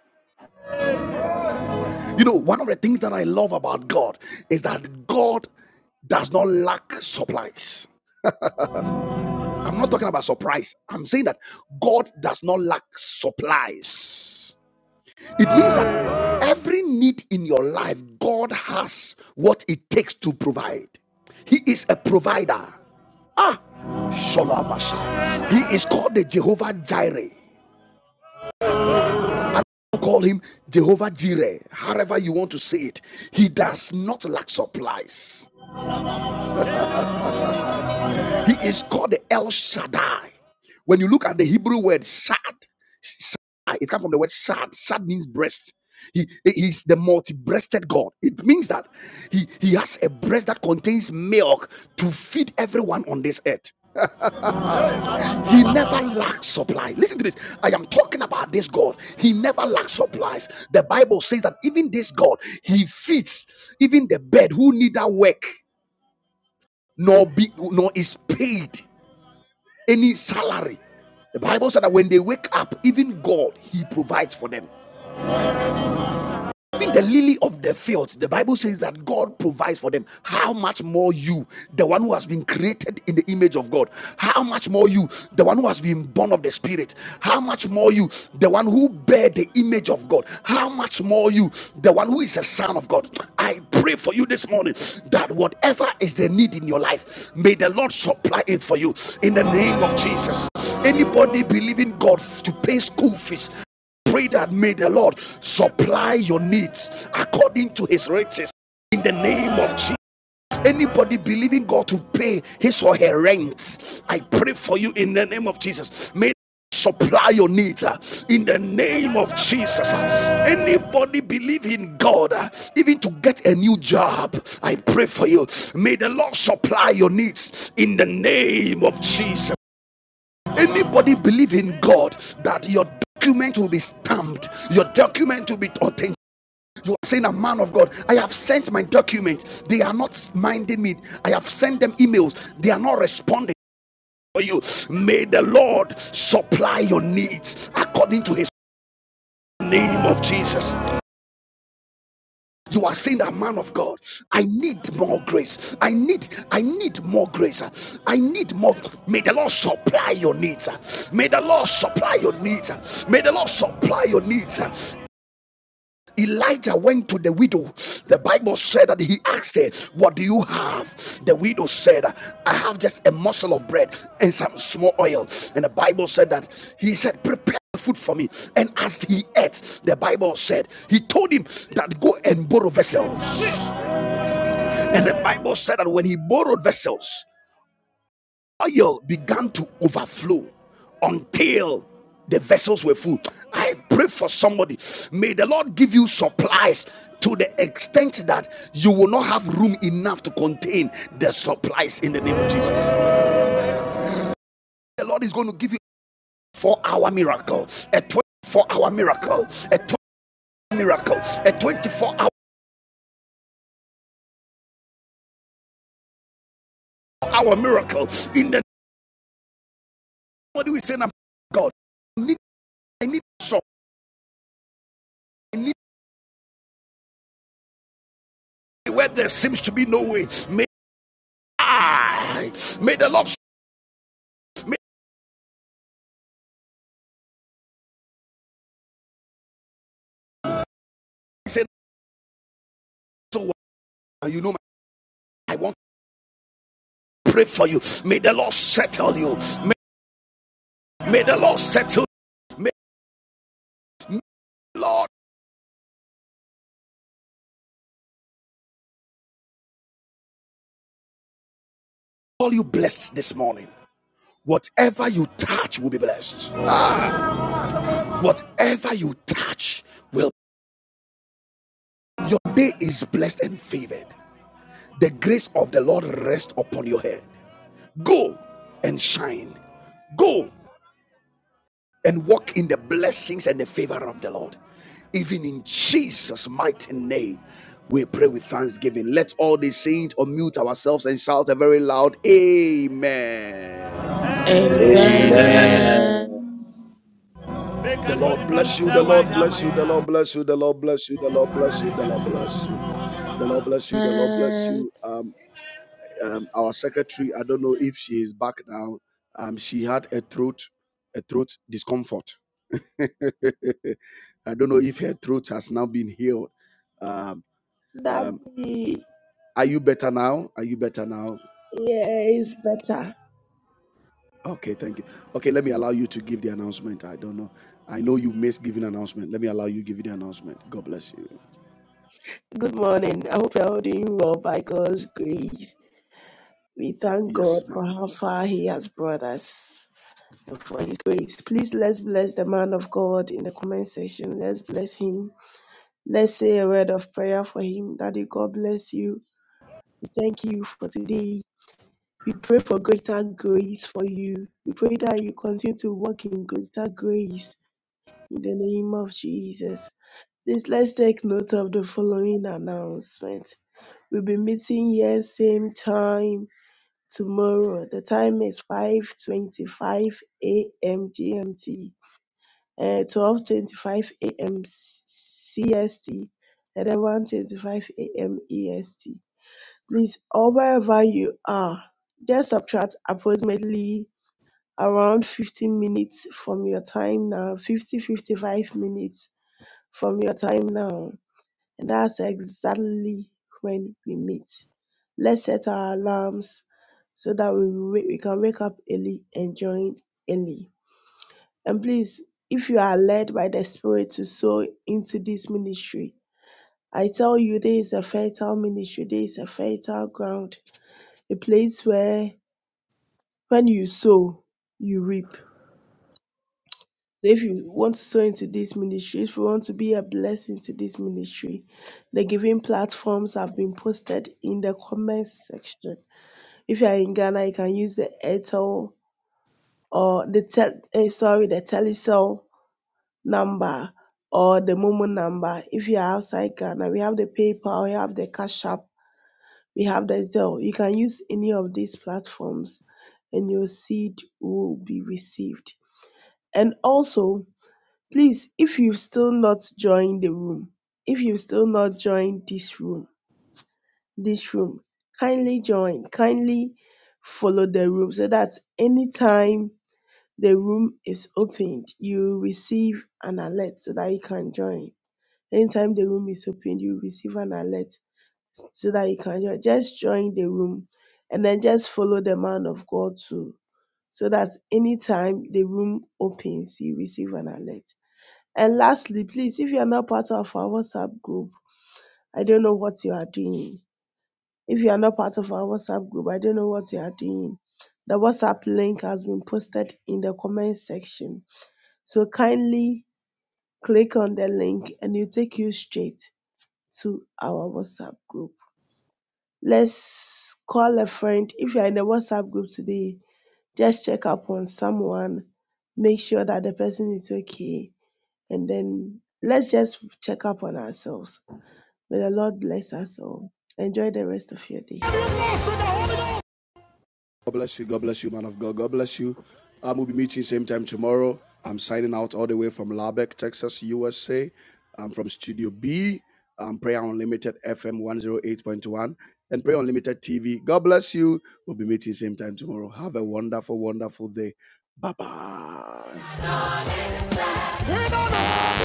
You know, one of the things that I love about God is that God does not lack supplies. I'm not talking about surprise. I'm saying that God does not lack supplies. It means that every need in your life, God has what it takes to provide. He is a provider. Ah, Shalom Mashiach. He is called the Jehovah Jireh. Call him Jehovah Jireh, however you want to say it. He does not lack supplies. He is called the El Shaddai. When you look at the Hebrew word sad, ah, it comes from the word sad. Sad means breast. He is the multi-breasted God. It means that he, he has a breast that contains milk to feed everyone on this earth. He never lacks supply. Listen to this. I am talking about this God. He never lacks supplies. The Bible says that even this God, he feeds even the bird who neither work nor be nor is paid. any salary. The Bible said that when they wake up, even God, He provides for them. Even the lily of the field, the Bible says that God provides for them. How much more you, the one who has been created in the image of God? How much more you, the one who has been born of the Spirit? How much more you, the one who bear the image of God? How much more you, the one who is a son of God? I pray for you this morning that whatever is the need in your life, may the Lord supply it for you in the name of Jesus. Anybody believing God to pay school fees, pray that may the Lord supply your needs according to his riches in the name of Jesus. Anybody believing God to pay his or her rent, I pray for you in the name of Jesus. May supply your needs uh, in the name of Jesus. Uh, Anybody believe in God, uh, even to get a new job, I pray for you. May the Lord supply your needs in the name of Jesus. Anybody believe in God that your document will be stamped, your document will be authentic. You are saying, A man of God, I have sent my documents. They are not minding me. I have sent them emails. They are not responding for you. May the Lord supply your needs according to his name of Jesus. you are saying that man of god i need more grace i need i need more grace i need more may the lord supply your needs may the lord supply your needs may the lord supply your needs Elijah went to the widow. The Bible said that he asked her, What do you have? The widow said, I have just a morsel of bread and some small oil. And the Bible said that he said, Prepare food for me. And as he ate, the Bible said, He told him that go and borrow vessels. And the Bible said that when he borrowed vessels, oil began to overflow until the vessels were full. I pray for somebody. May the Lord give you supplies to the extent that you will not have room enough to contain the supplies in the name of Jesus. The Lord is going to give you a four hour miracle, a 24 hour miracle, a 20 miracle, a 24 hour, miracle. In the what do we say now? God, I need, I need some. I need where there seems to be no way. May I may the Lord may say so well. You know, my- I want to pray for you. May the Lord settle you. May, may the Lord settle. you. May the Lord call you blessed this morning. Whatever you touch will be blessed. Ah, whatever you touch will. Your day is blessed and favored. The grace of the Lord rests upon your head. Go and shine. Go and walk in the blessings and the favor of the Lord. Even in Jesus' mighty name, we pray with thanksgiving. Let all the saints unmute ourselves and shout a very loud Amen. Amen. Amen. Amen. Amen The Lord bless you, the Lord bless you, the Lord bless you, the Lord bless you, the Lord bless you, the Lord bless you. The Lord bless you, the Lord bless you. Um, um, our secretary, I don't know if she is back now. Um, she had a throat, a throat discomfort. I don't know if her throat has now been healed. Um, um, Daddy, are you better now? Are you better now? yeah, it's better. Okay, thank you. Okay, let me allow you to give the announcement. I don't know. I know you missed giving announcement. Let me allow you to give you the announcement. God bless you. Good morning. I hope you're all doing well by God's grace. We thank Yes, God for how ma'am. far He has brought us and for His grace. Please let's bless the man of God in the comment section. Let's bless him. Let's say a word of prayer for him. Daddy, God bless you. We thank you for today. We pray for greater grace for you. We pray that you continue to walk in greater grace in the name of Jesus. Please let's take note of the following announcement. We'll be meeting here same time tomorrow. The time is 5:25 a.m. GMT, uh, 12:25 a.m. CST, and then 1:25 a.m. EST. Please, or wherever you are, just subtract approximately around 15 minutes from your time now, 50, 55 minutes from your time now and that's exactly when we meet. Let's set our alarms so that we, wa- we can wake up early and join early. And please, if you are led by the Spirit to sow into this ministry, I tell you, there is a fertile ministry, there is a fertile ground, a place where when you sow, you reap. So if you want to sow into this ministry, if you want to be a blessing to this ministry, the giving platforms have been posted in the comments section. If you are in Ghana, you can use the Airtel or the tel- eh, sorry the Telecel number or the Momo number. If you are outside Ghana, we have the PayPal, we have the Cash App, we have the Zelle. You can use any of these platforms, and your seed will be received. And also please if you have still not joined the room if you have still not joined this room this room kindly join kindly follow the room so that anytime the room is opened you receive an alert so that you can join anytime the room is opened you receive an alert so that you can join just join the room and then just follow the man of god too so that anytime the room opens you receive an alert and lastly, please, if you are not part of our WhatsApp group, I don't know what you are doing. If you are not part of our WhatsApp group, I don't know what you are doing. The WhatsApp link has been posted in the comment section. So kindly click on the link and it'll take you straight to our WhatsApp group. Let's call a friend. If you are in the WhatsApp group today, just check up on someone, make sure that the person is okay, and then let's just check up on ourselves May the Lord bless us all. Enjoy the rest of your day. God bless you. God bless you, man of God. God bless you. I Um, will be meeting same time tomorrow. I'm signing out all the way from Lubbock, Texas, USA. I'm from Studio B. Um, Prayer Unlimited FM 108.1 and Prayer Unlimited TV. God bless you. We'll be meeting same time tomorrow. Have a wonderful, wonderful day. Bye bye.